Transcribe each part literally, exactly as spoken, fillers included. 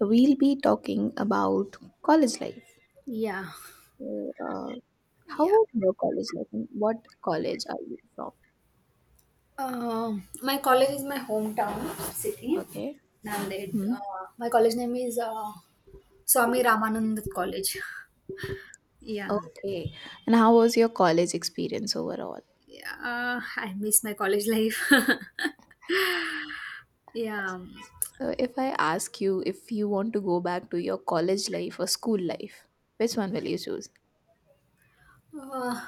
We'll be talking about college life. Yeah, So, uh, how yeah. was your college life and what college are you from? Um, my college is my hometown city, Okay. and it, Hmm. uh, my college name is uh, Swami Ramanand College. Yeah, Okay. And how was your college experience overall? yeah. Uh, I miss my college life. Yeah, So, if I ask you if you want to go back to your college life or school life, which one will you choose? uh,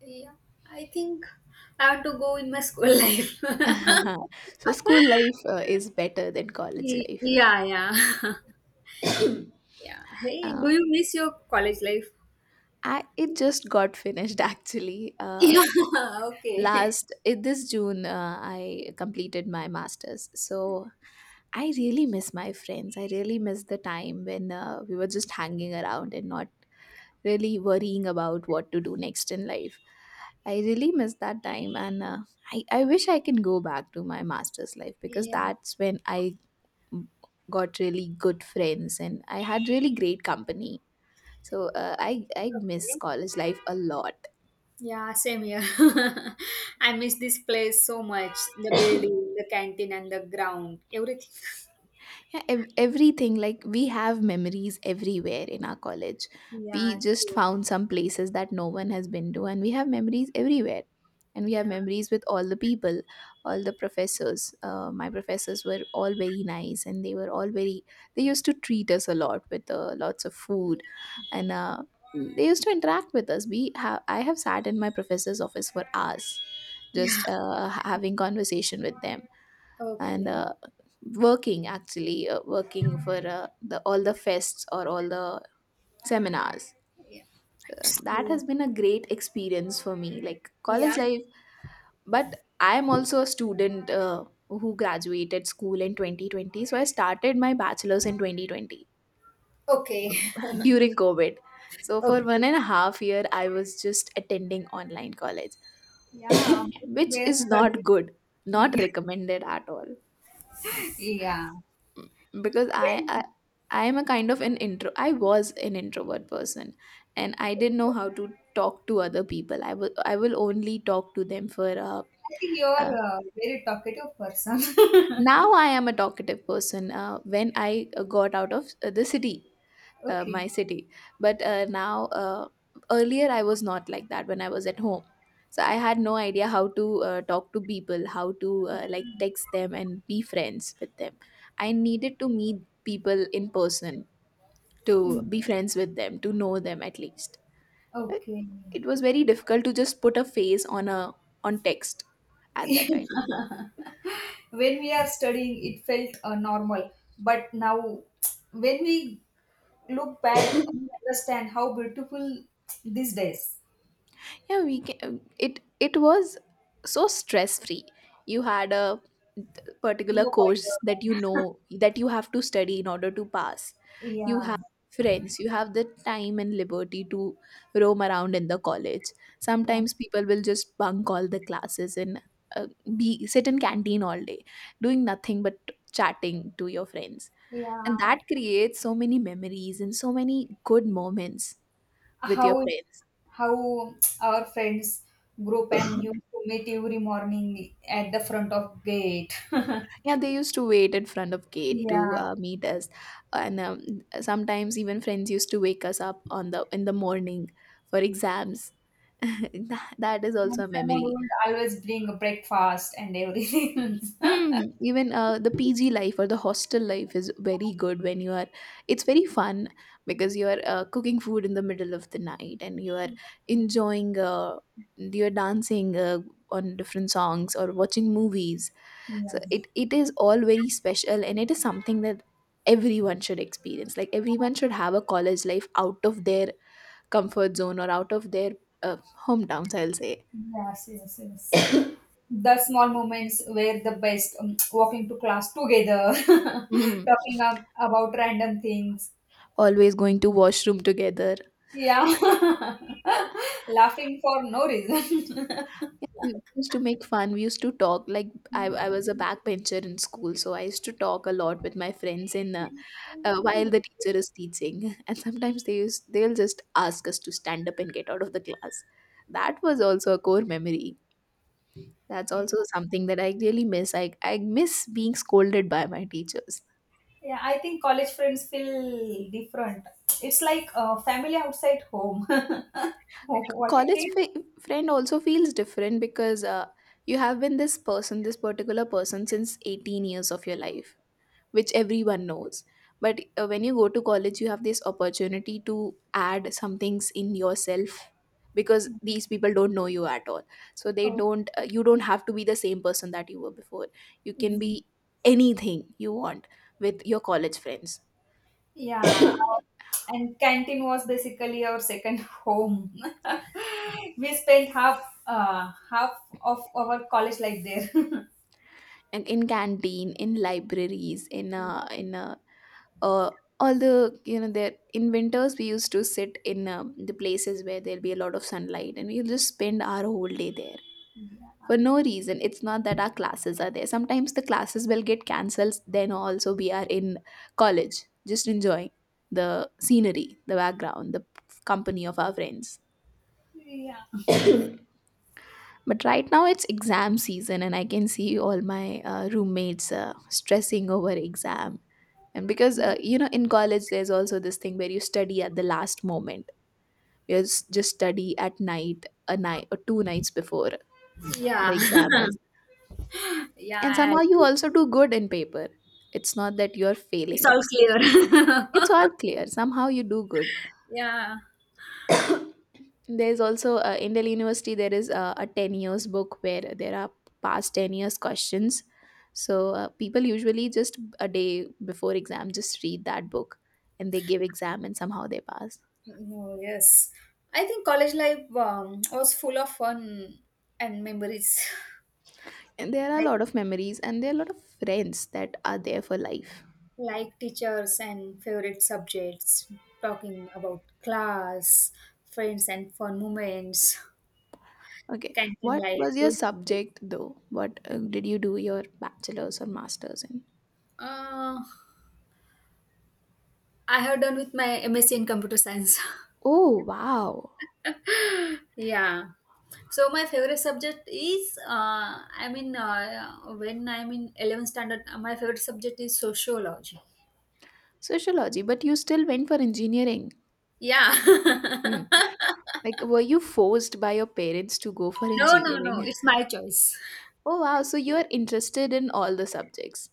yeah. I think I have to go in my school life. So, school life uh, is better than college Y- life. Yeah, yeah, yeah. Hey, uh, do you miss your college life? I, it just got finished actually. Uh, Yeah. Okay. Last eh, this June, uh, I completed my master's, so I really miss my friends. I really miss the time when uh, we were just hanging around and not really worrying about what to do next in life. I really miss that time, and uh, I, I wish I can go back to my master's life, because Yeah. that's when I got really good friends and I had really great company. So uh, i i miss Okay. college life a lot. Yeah, same here. I miss this place so much. The building, the canteen, and the ground, everything. Yeah, ev- everything, like we have memories everywhere in our college. We Yeah, just true. found some places that no one has been to, and we have memories everywhere, and we have Yeah. memories with all the people, all the professors. Uh, my professors were all very nice, and they were all very... they used to treat us a lot with uh, lots of food. And uh, they used to interact with us. We have I have sat in my professor's office for hours, Yeah. just uh, ha- having conversation with them, and Okay. uh, working actually uh, working for uh, the all the fests or all the seminars. Yeah. Uh, That's That true. has been a great experience for me, like Yeah. college life. But I am also a student uh, who graduated school in twenty twenty, so I started my bachelor's in twenty twenty Okay. during covid. So for Okay. one and a half year I was just attending online college, Yeah. which We're is not studying. good. Not Yeah. recommended at all, Yeah. because I, Very- I I am a kind of an intro. I was an introvert person, and I didn't know how to talk to other people. I will I will only talk to them for. Uh, I think uh, you're a very talkative person. Now I am a talkative person. Uh, when I uh, got out of uh, the city, uh, Okay. my city, but uh, now, uh, earlier I was not like that when I was at home. So I had no idea how to uh, talk to people, how to uh, like text them and be friends with them. I needed to meet people in person, to Mm, be friends with them, to know them at least. Right? okay. It was very difficult to just put a face on a on text at that time. When we are studying, it felt uh, normal. But now, when we look back and understand how beautiful these days. Yeah, we can, it it was so stress free you had a particular No course, that you wonder. know that you have to study in order to pass. You have Yeah, friends, you have the time and liberty to roam around in the college. yeah. Sometimes people will just bunk all the classes, and uh, be sit in canteen all day, doing nothing but chatting to your friends, and Yeah. that creates so many memories and so many good moments with your how friends. how our friends group and you meet every morning at the front of gate. Yeah, they used to wait in front of gate to Yeah. uh, meet us, and um, sometimes even friends used to wake us up on the in the morning for exams. that, that is And also a someone memory. would always bring a breakfast and everything. Hmm. Even uh, the P G life or the hostel life is very good when you are. It's very fun, because you are uh, cooking food in the middle of the night, and you are enjoying. Uh, you are dancing uh, on different songs or watching movies. So Yeah. it, it is all very special, and it is something that everyone should experience. Like, everyone should have a college life out of their comfort zone, or out of their uh, hometowns, I'll say. Yes, yes, yes. The small moments were the best, um, walking to class together, Mhm. talking up about random things, Always going to washroom together. yeah, laughing for no reason, Yeah, we used to make fun, we used to talk. Like, I, I was a backbencher in school, so I used to talk a lot with my friends in uh, uh, while the teacher is teaching, and sometimes they use they'll just ask us to stand up and get out of the class. That was also a core memory. That's yeah. also something that I really miss. I, I miss being scolded by my teachers. Yeah, I think college friends feel different. It's like uh, family outside home. What do you College think? f- friend also feels different, because uh, you have been this person, this particular person, since eighteen years of your life, which everyone knows. But uh, when you go to college, you have this opportunity to add some things in yourself, because these people don't know you at all. So they Oh. don't, uh, you don't have to be the same person that you were before. You can be anything you want with your college friends. Yeah, and canteen was basically our second home. We spent half uh, half of our college life there. And in canteen, in libraries, in uh, in uh, uh, all the, you know, there in winters we used to sit in um, the places where there'll be a lot of sunlight, and we'll just spend our whole day there Yeah, for no reason. It's not that our classes are there. Sometimes the classes will get cancelled, then also we are in college, just enjoying the scenery, the background, the company of our friends. yeah, But right now it's exam season, and I can see all my uh, roommates uh, stressing over exam. And because uh, you know, in college there's also this thing where you study at the last moment. You s- just study at night, a night or two nights before the yeah, exam is, yeah, and I somehow you agree. also do good in paper. It's not that you're It's failing. all it's clear. It's all clear, somehow you do good. Yeah. There's also uh, in Delhi University there is uh, a ten years book where there are past ten years questions, so uh, people usually just a day before exam just read that book, and they give exam and somehow they pass. Oh, yes, I think college life um, was full of fun and memories, And there are a like lot of memories, and there are a lot of friends that are there for life. like teachers and favorite subjects, talking about class, friends, and fun moments. Okay, Canton what life, was your roots. subject though? What, uh, did you do your bachelor's or master's in? Uh, I have done with my MSc in computer science. Oh, wow. Yeah. So my favorite subject is, uh, I mean, uh, when I'm in eleventh standard, uh, my favorite subject is sociology. Sociology, but you still went for engineering. Yeah. Hmm. Like, were you forced by your parents to go for No, no, no, engineering? it's my choice. Oh, wow. So you're interested in all the subjects.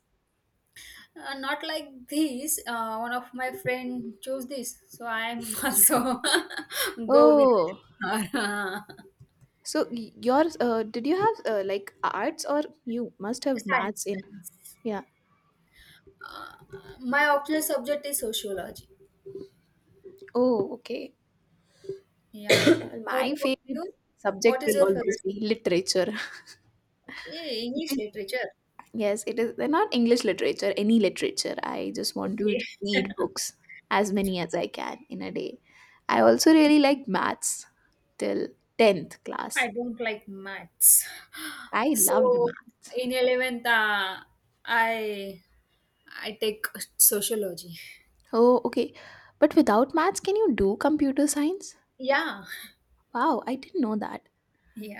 Uh, not like this. Uh, one of my friend chose this, so I'm also go with Oh, her. so y- yours, uh, did you have uh, like arts, or you must have Science. maths in? science. Yeah. Uh, my optional subject is sociology. Oh, okay. Yeah. What My about favorite you? What subject is will your always favorite be subject? literature. Eh, It English is, literature. yes, it is, they're not English literature, any literature. I just want Okay. to read books as many as I can in a day. I also really like maths till tenth I class. don't like maths. I loved So math. in eleventh, uh, I I take sociology. Oh, okay. But without maths, can you do computer science? Yeah. Wow, I didn't know that.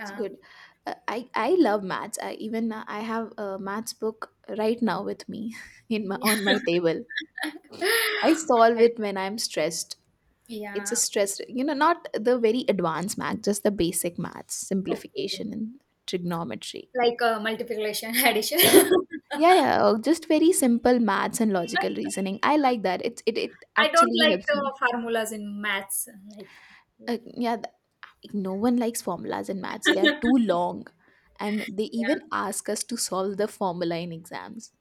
It's good. Uh, I, I love maths. I even uh, I have a maths book right now with me in my Yeah. on my table. I solve I- it when I'm stressed. It's a yeah. stress, you know, not the very advanced math, just the basic maths, Okay. simplification and trigonometry. Like uh, multiplication, addition. Yeah, yeah, oh, just very simple maths and logical reasoning. I like that. It it it I don't actually like helps the me. formulas in maths. Like, Uh, yeah, th- no one likes formulas in maths. They are yeah. too long, and they even ask us to solve the formula in exams.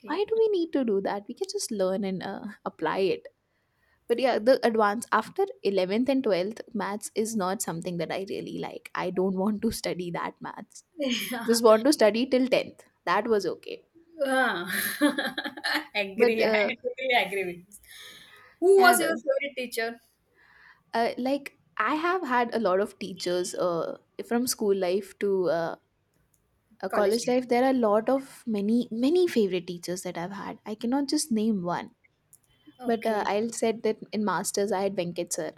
Yeah. Why do we need to do that? We can just learn and uh, apply it. But yeah, the advance after eleventh and twelfth maths is not something that I really like. I don't want to study that maths, Yeah. just want to study till tenth. That was okay. Ah. But Agree. I uh, totally agree with this. Who yeah, was your the, favorite teacher? uh, like I have had a lot of teachers uh, from school life to uh, a College college life. life. There are a lot of many many favorite teachers that I've had. I cannot just name one. But uh, Okay. I'll said that in masters I had Venkat sir.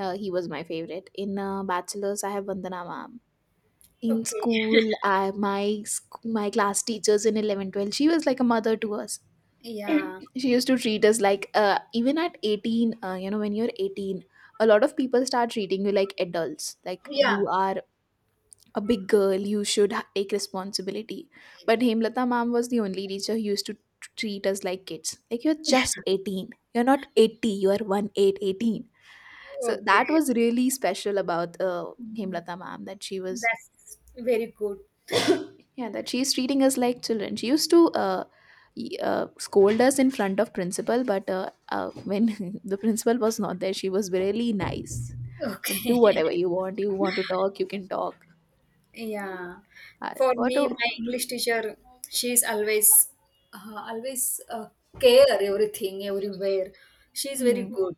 uh, He was my favorite. In uh, bachelor's I have Vandana ma'am. In Okay. school, I, my sc- my class teachers in eleven, twelve. She was like a mother to us. Yeah. She used to treat us like uh, even at eighteen, uh, you know when you're eighteen, a lot of people start treating you like adults, like you Yeah. are a big girl, you should ha- take responsibility. But Hemlata ma'am was the only teacher who used to t- treat us like kids, like you're just eighteen, you're not eighty, you are one eight eighteen. So that Okay. was really special about uh, Mm. Hemlata ma'am, that she was... That's very good. Yeah, that she's treating us like children. She used to uh, y- uh, scold us in front of principal, but uh, uh, when the principal was not there, she was really nice. And Okay. do whatever you want. You want to talk, you can talk. Yeah. Uh, For What? me, A, my English teacher, she's always, uh, always uh, care everything everywhere. She's very mm, good.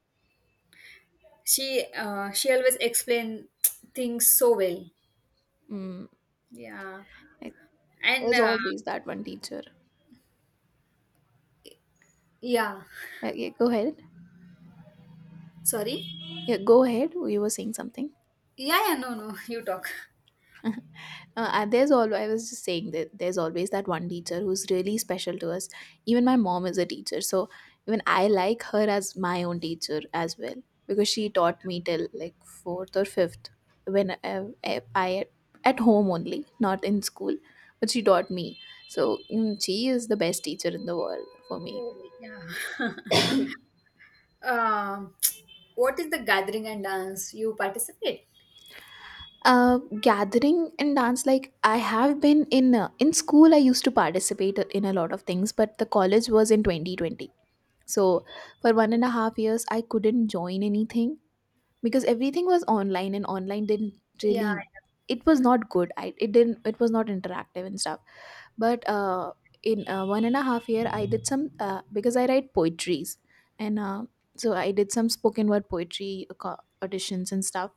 She, uh, she always explain things so well. mm, Yeah. it And was uh, always that one teacher. yeah, Yeah, yeah, go ahead. sorry. Yeah, go ahead. You were saying something. Yeah, yeah, no, no, you talk. Uh, and there's all I was just saying that there's always that one teacher who's really special to us. Even my mom is a teacher, so even I like her as my own teacher as well because she taught me till like fourth or fifth when I, I, I- at home only, not in school, but she taught me. So mm, she is the best teacher in the world for me. Oh, yeah. Um, what is the gathering and dance you participate? Uh, gathering and dance, like I have been in uh, in school. I used to participate in a lot of things, but the college was in twenty twenty. So for one Okay. and a half years, I couldn't join anything because everything was online, and online didn't Yeah. really, Yeah. it was not good. I, it didn't, it was not interactive and stuff. But uh, in uh, one and a half year, I did some, uh, because I write poetries, and uh, so I did some spoken word poetry uh, co- auditions and stuff.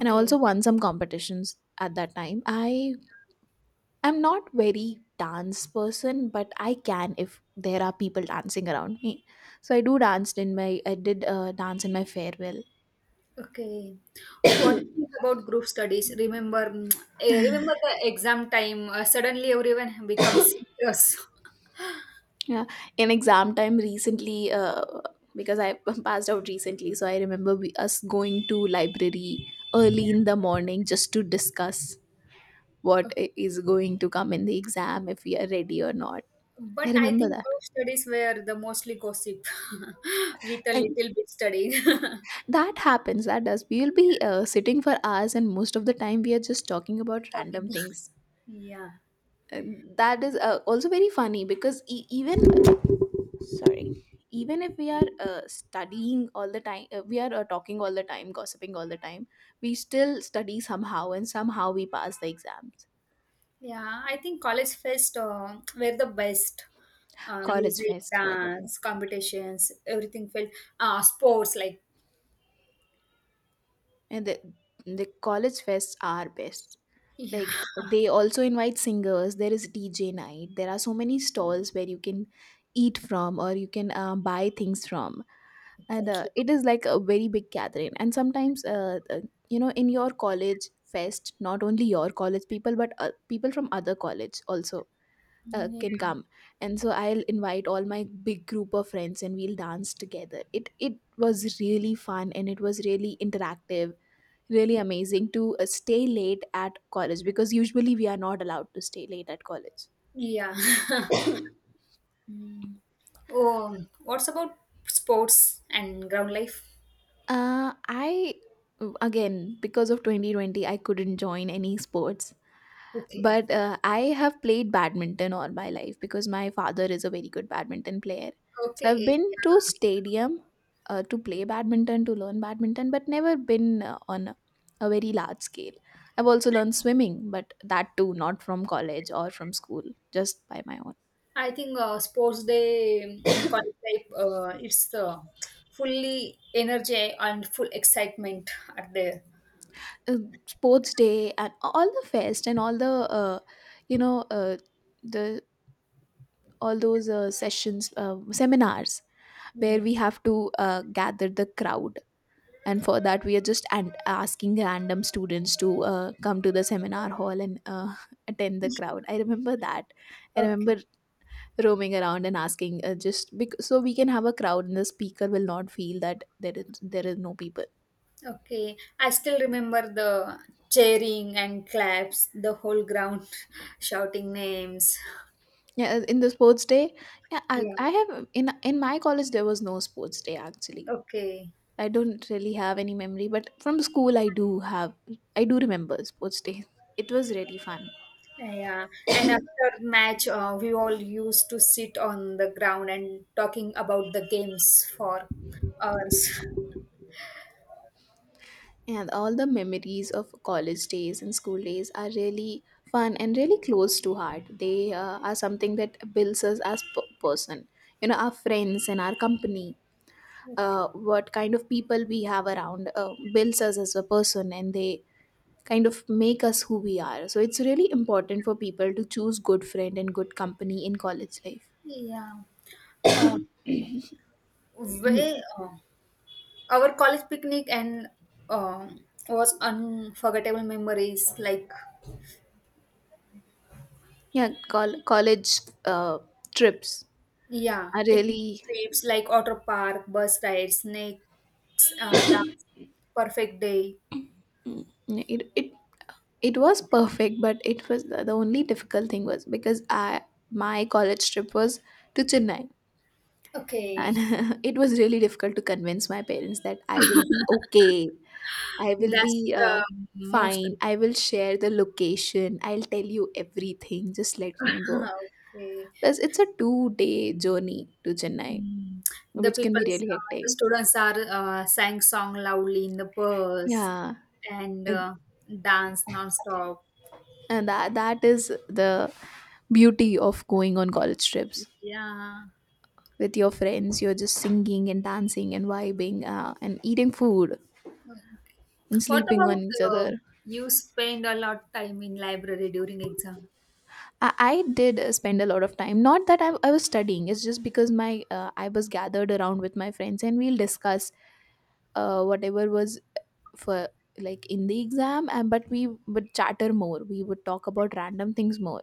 And I also won some competitions at that time. I I'm not very dance person, but I can if there are people dancing around me. So I do danced in my I did uh, dance in my farewell. Okay. What do you think about group studies? Remember, mm, eh, remember the exam time. Uh, suddenly, everyone becomes serious. Yeah, in exam time recently, uh, because I passed out recently, so I remember we, us going to library Yeah. early in the morning just to discuss what Okay. i- is going to come in the exam, if we are ready or not. But I I remember think that. group studies were the mostly gossip, with a And little bit studying. that happens. That does. We will be uh, sitting for hours, and most of the time we are just talking about Topic. random things. Yeah. Uh, that is uh, also very funny because e- even sorry even if we are uh, studying all the time, uh, we are uh, talking all the time, gossiping all the time, we still study somehow and somehow we pass the exams. Yeah, I think college fest uh, were the best. Uh, college Music, fests were the dance, best, competitions, everything felt. Uh, sports, like, and the, the college fests are best, yeah, like they also invite singers, there is DJ night, there are so many stalls where you can eat from, or you can uh, buy things from. And uh, exactly. it is like a very big gathering. And sometimes, uh, uh, you know, in your college fest, not only your college people, but uh, people from other college also uh, Yeah, can come. And so I'll invite all my big group of friends and we'll dance together. It it was really fun and it was really interactive, really amazing to uh, stay late at college, because usually we are not allowed to stay late at college. yeah. Oh, what's about sports and ground life? Uh, i again, because of twenty twenty, I couldn't join any sports. Okay. But uh, I have played badminton all my life because my father is a very good badminton player. So I've Okay, been to yeah. stadium uh, to play badminton, to learn badminton, but never been uh, on a a very large scale. I've also learned swimming, but that too not from college or from school, just by my own. I think uh, sports day in college life, uh, it's uh, fully energy and full excitement are there. uh, Sports day and all the fest and all the uh, you know uh, the all those uh, sessions, uh, seminars where Yeah. we have to uh, gather the crowd. And for that we are just and uh, asking random students to uh, come to the seminar hall and uh, attend the crowd. I remember that. I Okay. remember roaming around and asking, uh, just because, so we can have a crowd and the speaker will not feel that there is there is no people. Okay, I still remember the cheering and claps, the whole ground shouting names. Yeah, uh, in the sports day. Yeah, i, Yeah. I have, in in my college, there was no sports day actually. Okay. I don't really have any memory, but from school I do have, I do remember sports day. It was really fun. Yeah. And after match, uh, we all used to sit on the ground and talking about the games for hours. And all the memories of college days and school days are really fun and really close to heart. They uh, are something that builds us as p- person. You know, our friends and our company, uh, what kind of people we have around uh, builds us as a person, and they kind of make us who we are. So it's really important for people to choose good friend and good company in college life. Yeah. Um, Mm. Way, uh, our college picnic and um was unforgettable memories, like, Yeah, col- college uh, trips yeah, are picnic really, trips like auto Park, bus rides, snakes, uh, dance, perfect day. mm, it, it it was perfect, but it was, the only difficult thing was because I my college trip was to Chennai. And Okay. it was really difficult to convince my parents that I will be okay, I will That's be uh, the most. fine, I will share the location, I'll tell you everything, just let me go. Okay. Plus it's a two day journey to Chennai, Mm. The which can be people's, really uh, the hectic. students are uh, sang song loudly in the bus Yeah. and and uh, dance non-stop. and that, that is the beauty of going on college trips Yeah. with your friends. You're just singing and dancing and vibing, uh, and eating food Mm. and What sleeping on about each uh, other. you spend a lot time in library during exam? I, I did uh, spend a lot of time, not that I, I was studying, it's just because my uh, I was gathered around with my friends and we'll discuss uh, whatever was for, like, in the exam. And but we would chatter more, we would talk about random things more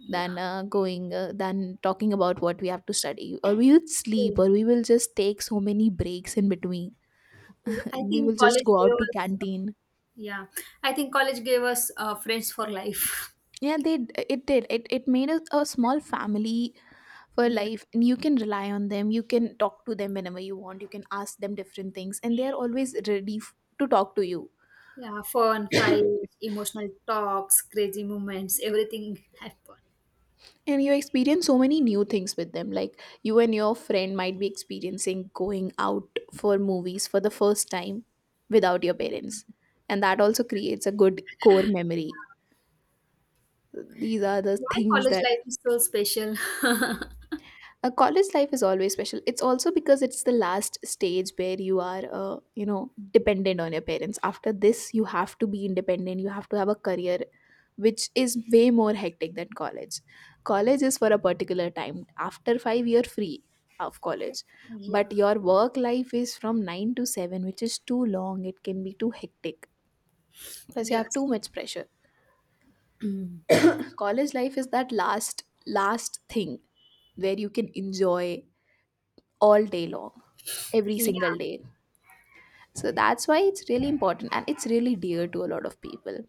Yeah. than uh, going uh, than talking about what we have to study. Or we would sleep, Okay. or we will just take so many breaks in between. Okay. I We think will just college go out gave to us canteen. Yeah, I think college gave us uh, friends for life. Yeah, they d- it did. It it made a, a small family for Yeah, life, and you can rely on them. You can talk to them whenever you want. You can ask them different things, and they are always ready f- to talk to you. yeah, fun, fights, emotional talks, crazy moments, everything happened. And you experience so many new things with them. Like, you and your friend might be experiencing going out for movies for the first time without your parents, and that also creates a good core memory. These are the Why things college that life is so special? a college life is always special. It's also because it's the last stage where you are, uh, you know, dependent on your parents. After this you have to be independent, you have to have a career, which is way more hectic than college. College is for a particular time. After five year free of college. Yeah. But your work life is from nine to seven, which is too long. It can be too hectic. Plus you have Yes. too much pressure. Mm. College life is that last last thing where you can enjoy all day long every single Yeah. day. So that's why it's really important and it's really dear to a lot of people.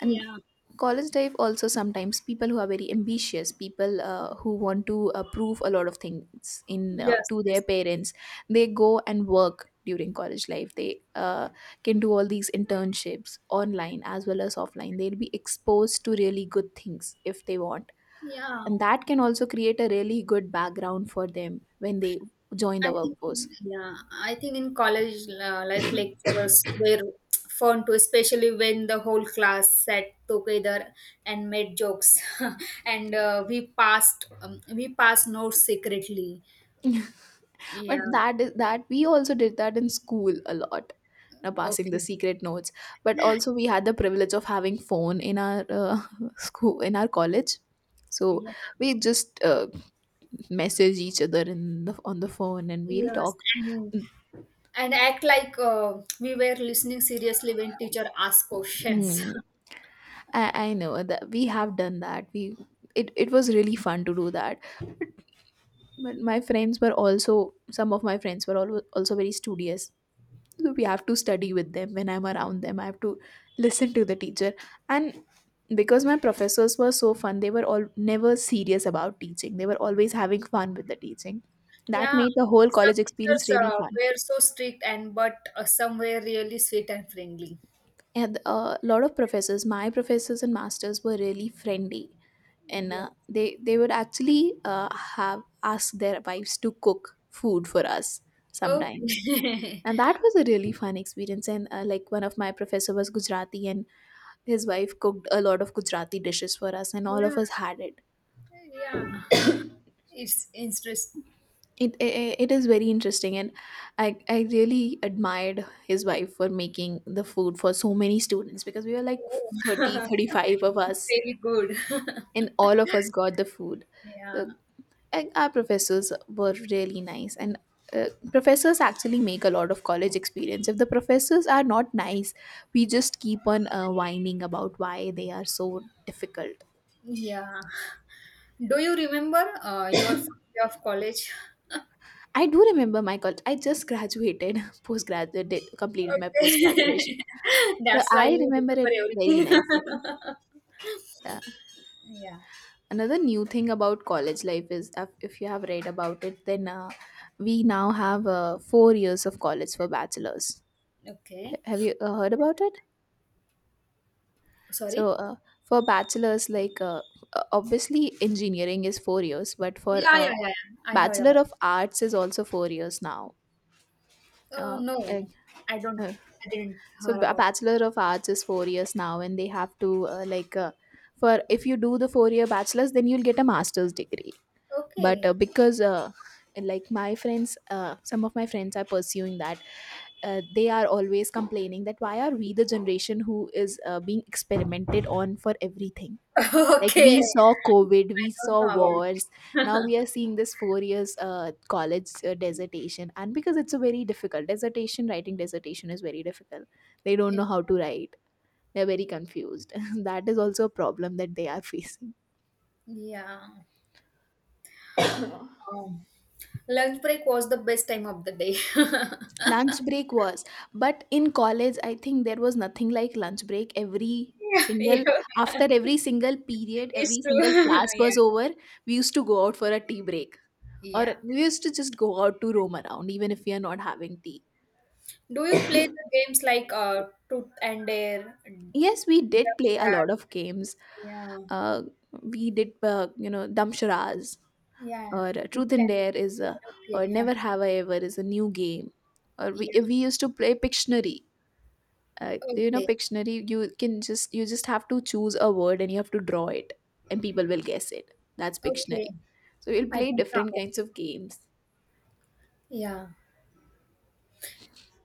And Yeah. college life also, sometimes people who are very ambitious, people uh, who want to uh, prove a lot of things in uh, Yes. to Yes. their parents, they go and work during college life. They uh, can do all these internships online as well as offline. They'll be exposed to really good things if they want. Yeah. And that can also create a really good background for them when they join I the think, workforce. yeah, I think in college uh, life lecturers were fun too, especially when the whole class sat together and made jokes, and uh, we passed um, we passed notes secretly. But Yeah. that is, that we also did that in school a lot, you know, passing Okay. the secret notes. But also we had the privilege of having phone in our uh, school, in our college. So Yeah. we just uh, message each other in the, on the phone and we'll Yes. talk. And and act like uh, we were listening seriously when teacher asked questions. Hmm. I, I know that we have done that, we, it, it was really fun to do that. But my friends were also, some of my friends were al- also very studious, so we have to study with them. When I'm around them I have to listen to the teacher. And because my professors were so fun, they were all never serious about teaching, they were always having fun with the teaching. That Yeah. made the whole Some college experience teachers really uh, fun. were so strict, and but uh, some were really sweet and friendly. And a lot of professors, my professors and masters were really friendly, and Yeah. uh, they they would actually uh, have asked their wives to cook food for us sometimes. Okay. And that was a really fun experience. And uh, like, one of my professor was Gujarati, and his wife cooked a lot of Gujarati dishes for us, and all Yeah. of us had it. Yeah. It's interesting. It, it, it is very interesting. And I, I really admired his wife for making the food for so many students, because we were like Oh. thirty thirty five of It's us, very good. and all of us got the food. Yeah. Uh, And our professors were really nice. And uh, professors actually make a lot of college experience. If the professors are not nice, we just keep on uh, whining about why they are so difficult. Yeah. Do you remember uh, your first day of college? I do remember my college, I just graduated, postgraduate did, completed my post graduation. Okay. So That's why I you remember it remember very everything. nicely. uh, Yeah. Another new thing about college life is, uh, if you have read about it then, uh, we now have uh, four years of college for bachelors. Okay. H- have you uh, heard about it? So Sorry. uh, for bachelor's, like, uh, uh, obviously engineering is four years, but for Yeah, yeah, uh, yeah. Yeah. I heard about. bachelor of arts is also four years now. Oh, Uh, no, uh, no. I don't. uh, I didn't so hear b- a about. bachelor of arts is four years now, and they have to uh, like uh, for if you do the four year bachelor's, then you'll get a master's degree. But uh, Okay. because uh, Like my friends, uh, some of my friends are pursuing that, uh, they are always complaining that why are we the generation who is uh, being experimented on for everything. Like we Okay. saw COVID, we I saw don't wars. know Now about we are seeing this four years uh, college uh, dissertation, and because it's a very difficult dissertation, writing dissertation is very difficult. They don't know it. how to write. They're very confused. That is also a problem that they are facing. Yeah. Oh. Lunch break was the best time of the day. Lunch break was, but in college I think there was nothing like lunch break every Yeah, yeah. single, after every single period, It's every single true. class was Yeah. over, we used to go out for a tea break, or Yeah. we used to just go out to roam around even if we are not having tea. Do you play the games like, uh, Truth and Dare, Yes, we did play a lot Ducksharads? of games. Yeah. uh, we did uh, you know damsharaz, Yeah. or Truth truth and and dare is Dare. a, or Okay. Yeah. never have I ever is a new game, or we, Yeah. we used to play pictionary. Uh, you know Okay. pictionary, you can just, you just have to choose a word and you have to draw it, and people will guess it, that's Okay. pictionary. So we'll I play don't different know. kinds of games. Yeah.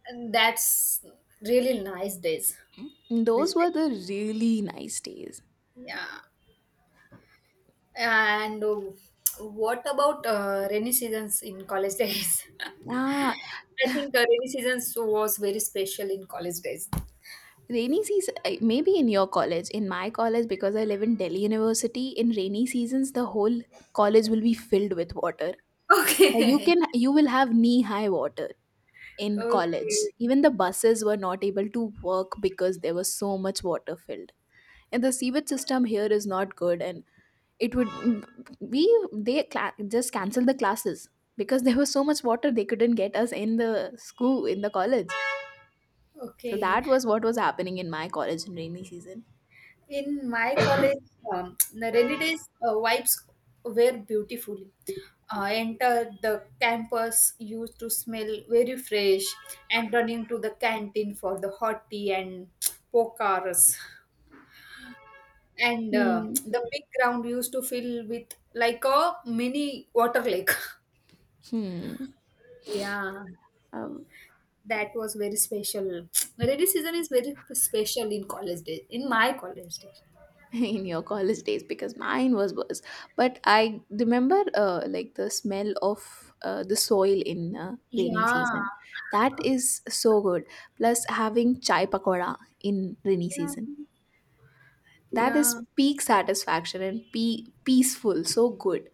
And that's really nice days. These Those days. were the really nice days. Yeah. And uh, what about uh, rainy seasons in college days? Ah, I think uh, rainy seasons was very special in college days. rainy season, uh, maybe in your college, in my college, because I live in Delhi University, in rainy seasons the whole college will be filled with water. Uh, you Okay. can, you will have knee high water in college. Okay. Even the buses were not able to work because there was so much water filled, and the sewage system here is not good, and it would, we, they cla- just canceled the classes because there was so much water, they couldn't get us in the school, in the college. So Okay. that was what was happening in my college in rainy season. In my college, um, the rainy days uh, vibes were beautiful. Uh, enter the campus used to smell very fresh, and running to the canteen for the hot tea and pokaras. And uh, Hmm. the big ground used to fill with like a mini water lake. Hmm. Yeah. Um, That was very special. Rainy season is very special in college days, in my college days. in your college days, because mine was worse. But I remember, uh, like the smell of uh, the soil in uh, rainy Yeah, season. That is so good. Plus, having chai pakora in rainy yeah, season, that yeah, is peak satisfaction and pe- peaceful, so good.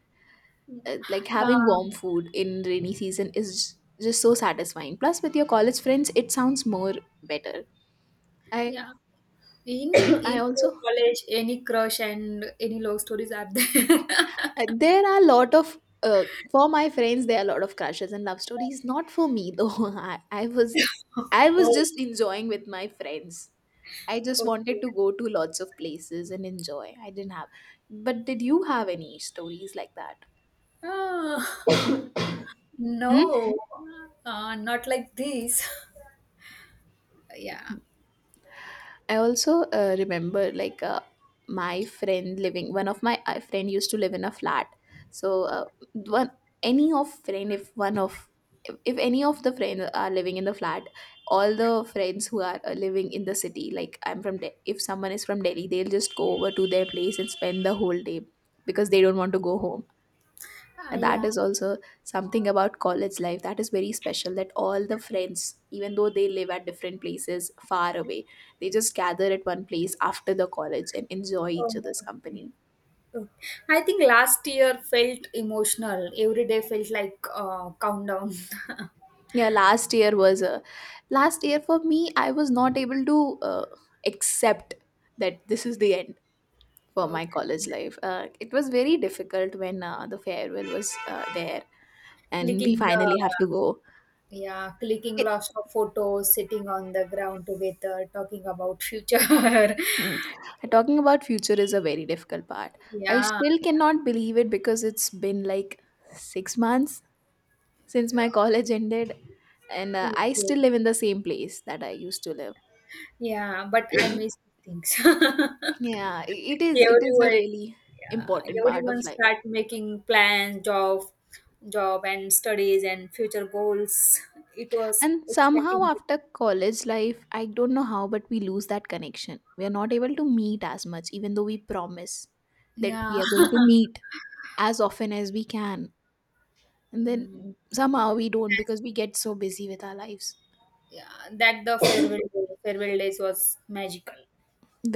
Uh, like having yeah, warm food in rainy season is j- just so satisfying, plus with your college friends it sounds more better. I yeah. In I in your also college, any crush and any love stories are there? Uh, there are a lot of uh, for my friends there are a lot of crushes and love stories, not for me though. I, I was, I was Oh, just enjoying with my friends. I just okay. wanted to go to lots of places and enjoy, I didn't have. But did you have any stories like that? Ah, no, uh, not like this. Yeah. I also uh, remember like uh, my friend living. One of my uh, friend used to live in a flat. So uh, one any of friend if one of if, if any of the friends are living in the flat, all the friends who are uh, living in the city, like I'm from, De- if someone is from Delhi, they'll just go over to their place and spend the whole day, because they don't want to go home, Ah, and that Yeah. is also something about college life that is very special, that all the friends, even though they live at different places far away, they just gather at one place after the college and enjoy each Oh. other's company. Oh, I think last year felt emotional. Every day felt like uh, countdown. Yeah, last year was a, last year for me I was not able to uh, accept that this is the end for my Okay. college life. Uh, it was very difficult when uh, the farewell was uh, there, and we Clicking finally the have to go. yeah, clicking it, lots of photos, sitting on the ground together, talking about future. Mm. Talking about future is a very difficult part. I Yeah, still cannot believe it because it's been like six months since my college ended, and uh, I okay. still live in the same place that I used to live. Yeah, but I miss things. Yeah, i- it is. It is a Everyone, really yeah, important part everyone of life. start making plans, job, job and studies and future goals. It was And somehow, exciting. after college life, I don't know how, but we lose that connection. We are not able to meet as much, even though we promise that Yeah. we are going to meet as often as we can. And Mm, then somehow we don't that's- because we get so busy with our lives. yeah, that the farewell farewell days was magical.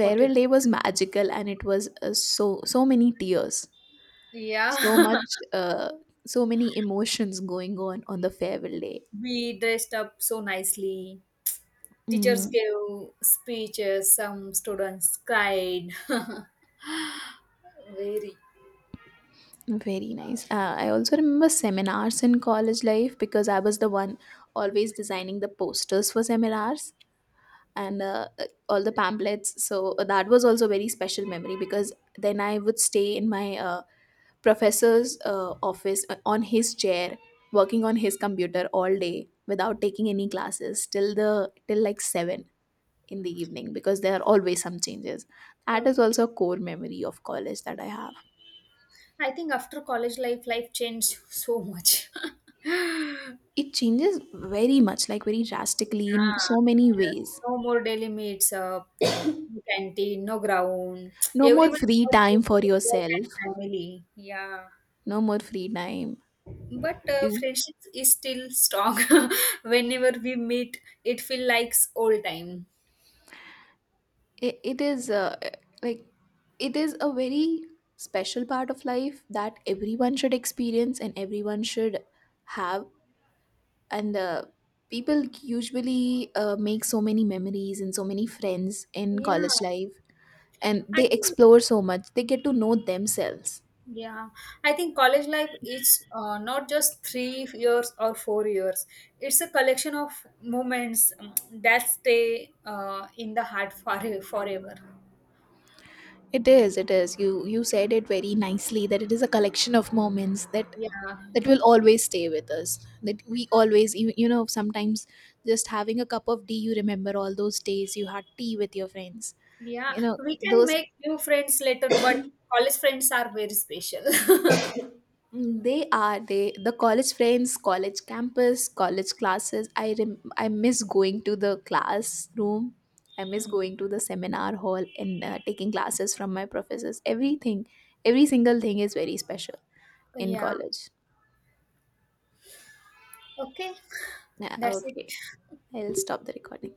What do you think? Day was magical, and it was uh, so so many tears, Yeah, so much, uh, so many emotions going on on the farewell day. we dressed up so nicely. Teachers Mm, gave speeches. Some students cried. Very. very nice. Uh, I also remember seminars in college life because I was the one always designing the posters for seminars and uh, uh, all the pamphlets. So uh, that was also very special memory, because then I would stay in my uh, professor's uh, office uh, on his chair, working on his computer all day without taking any classes till the, till like seven in the evening, because there are always some changes. That is Okay. also a core memory of college that I have. I think after college life, life changed so much. Yeah. It changes very much, like very drastically in so many Yes. ways. No more daily meets up, no canteen, no ground. No more Everyone free got time busy for with work yourself, and family. Yeah. no more free time, But uh, you, friendship is still strong. Whenever we meet, it feels like old time. it, it is uh, like, it is a very special part of life that everyone should experience and everyone should have, and uh, people usually uh, make so many memories and so many friends in yeah college life, and i they think explore so much, they get to know themselves. yeah i think college life is uh, not just three years or four years. It's a collection of moments, um, that stay, uh, in the heart for forever. It is, it is, you you said it very nicely, that it is a collection of moments that, Yeah, that will always stay with us, that we always, you, you know, sometimes just having a cup of tea you remember all those days you had tea with your friends, yeah, you know we can those. make new friends later, but college friends are very special. Mm, they are, they, the college friends, college campus, college classes, I rem, I miss going to the classroom, I miss going to the seminar hall, and uh, taking classes from my professors, everything, every single thing is very special in Yeah. college. Okay. Yeah, That's it. okay, I'll stop the recording.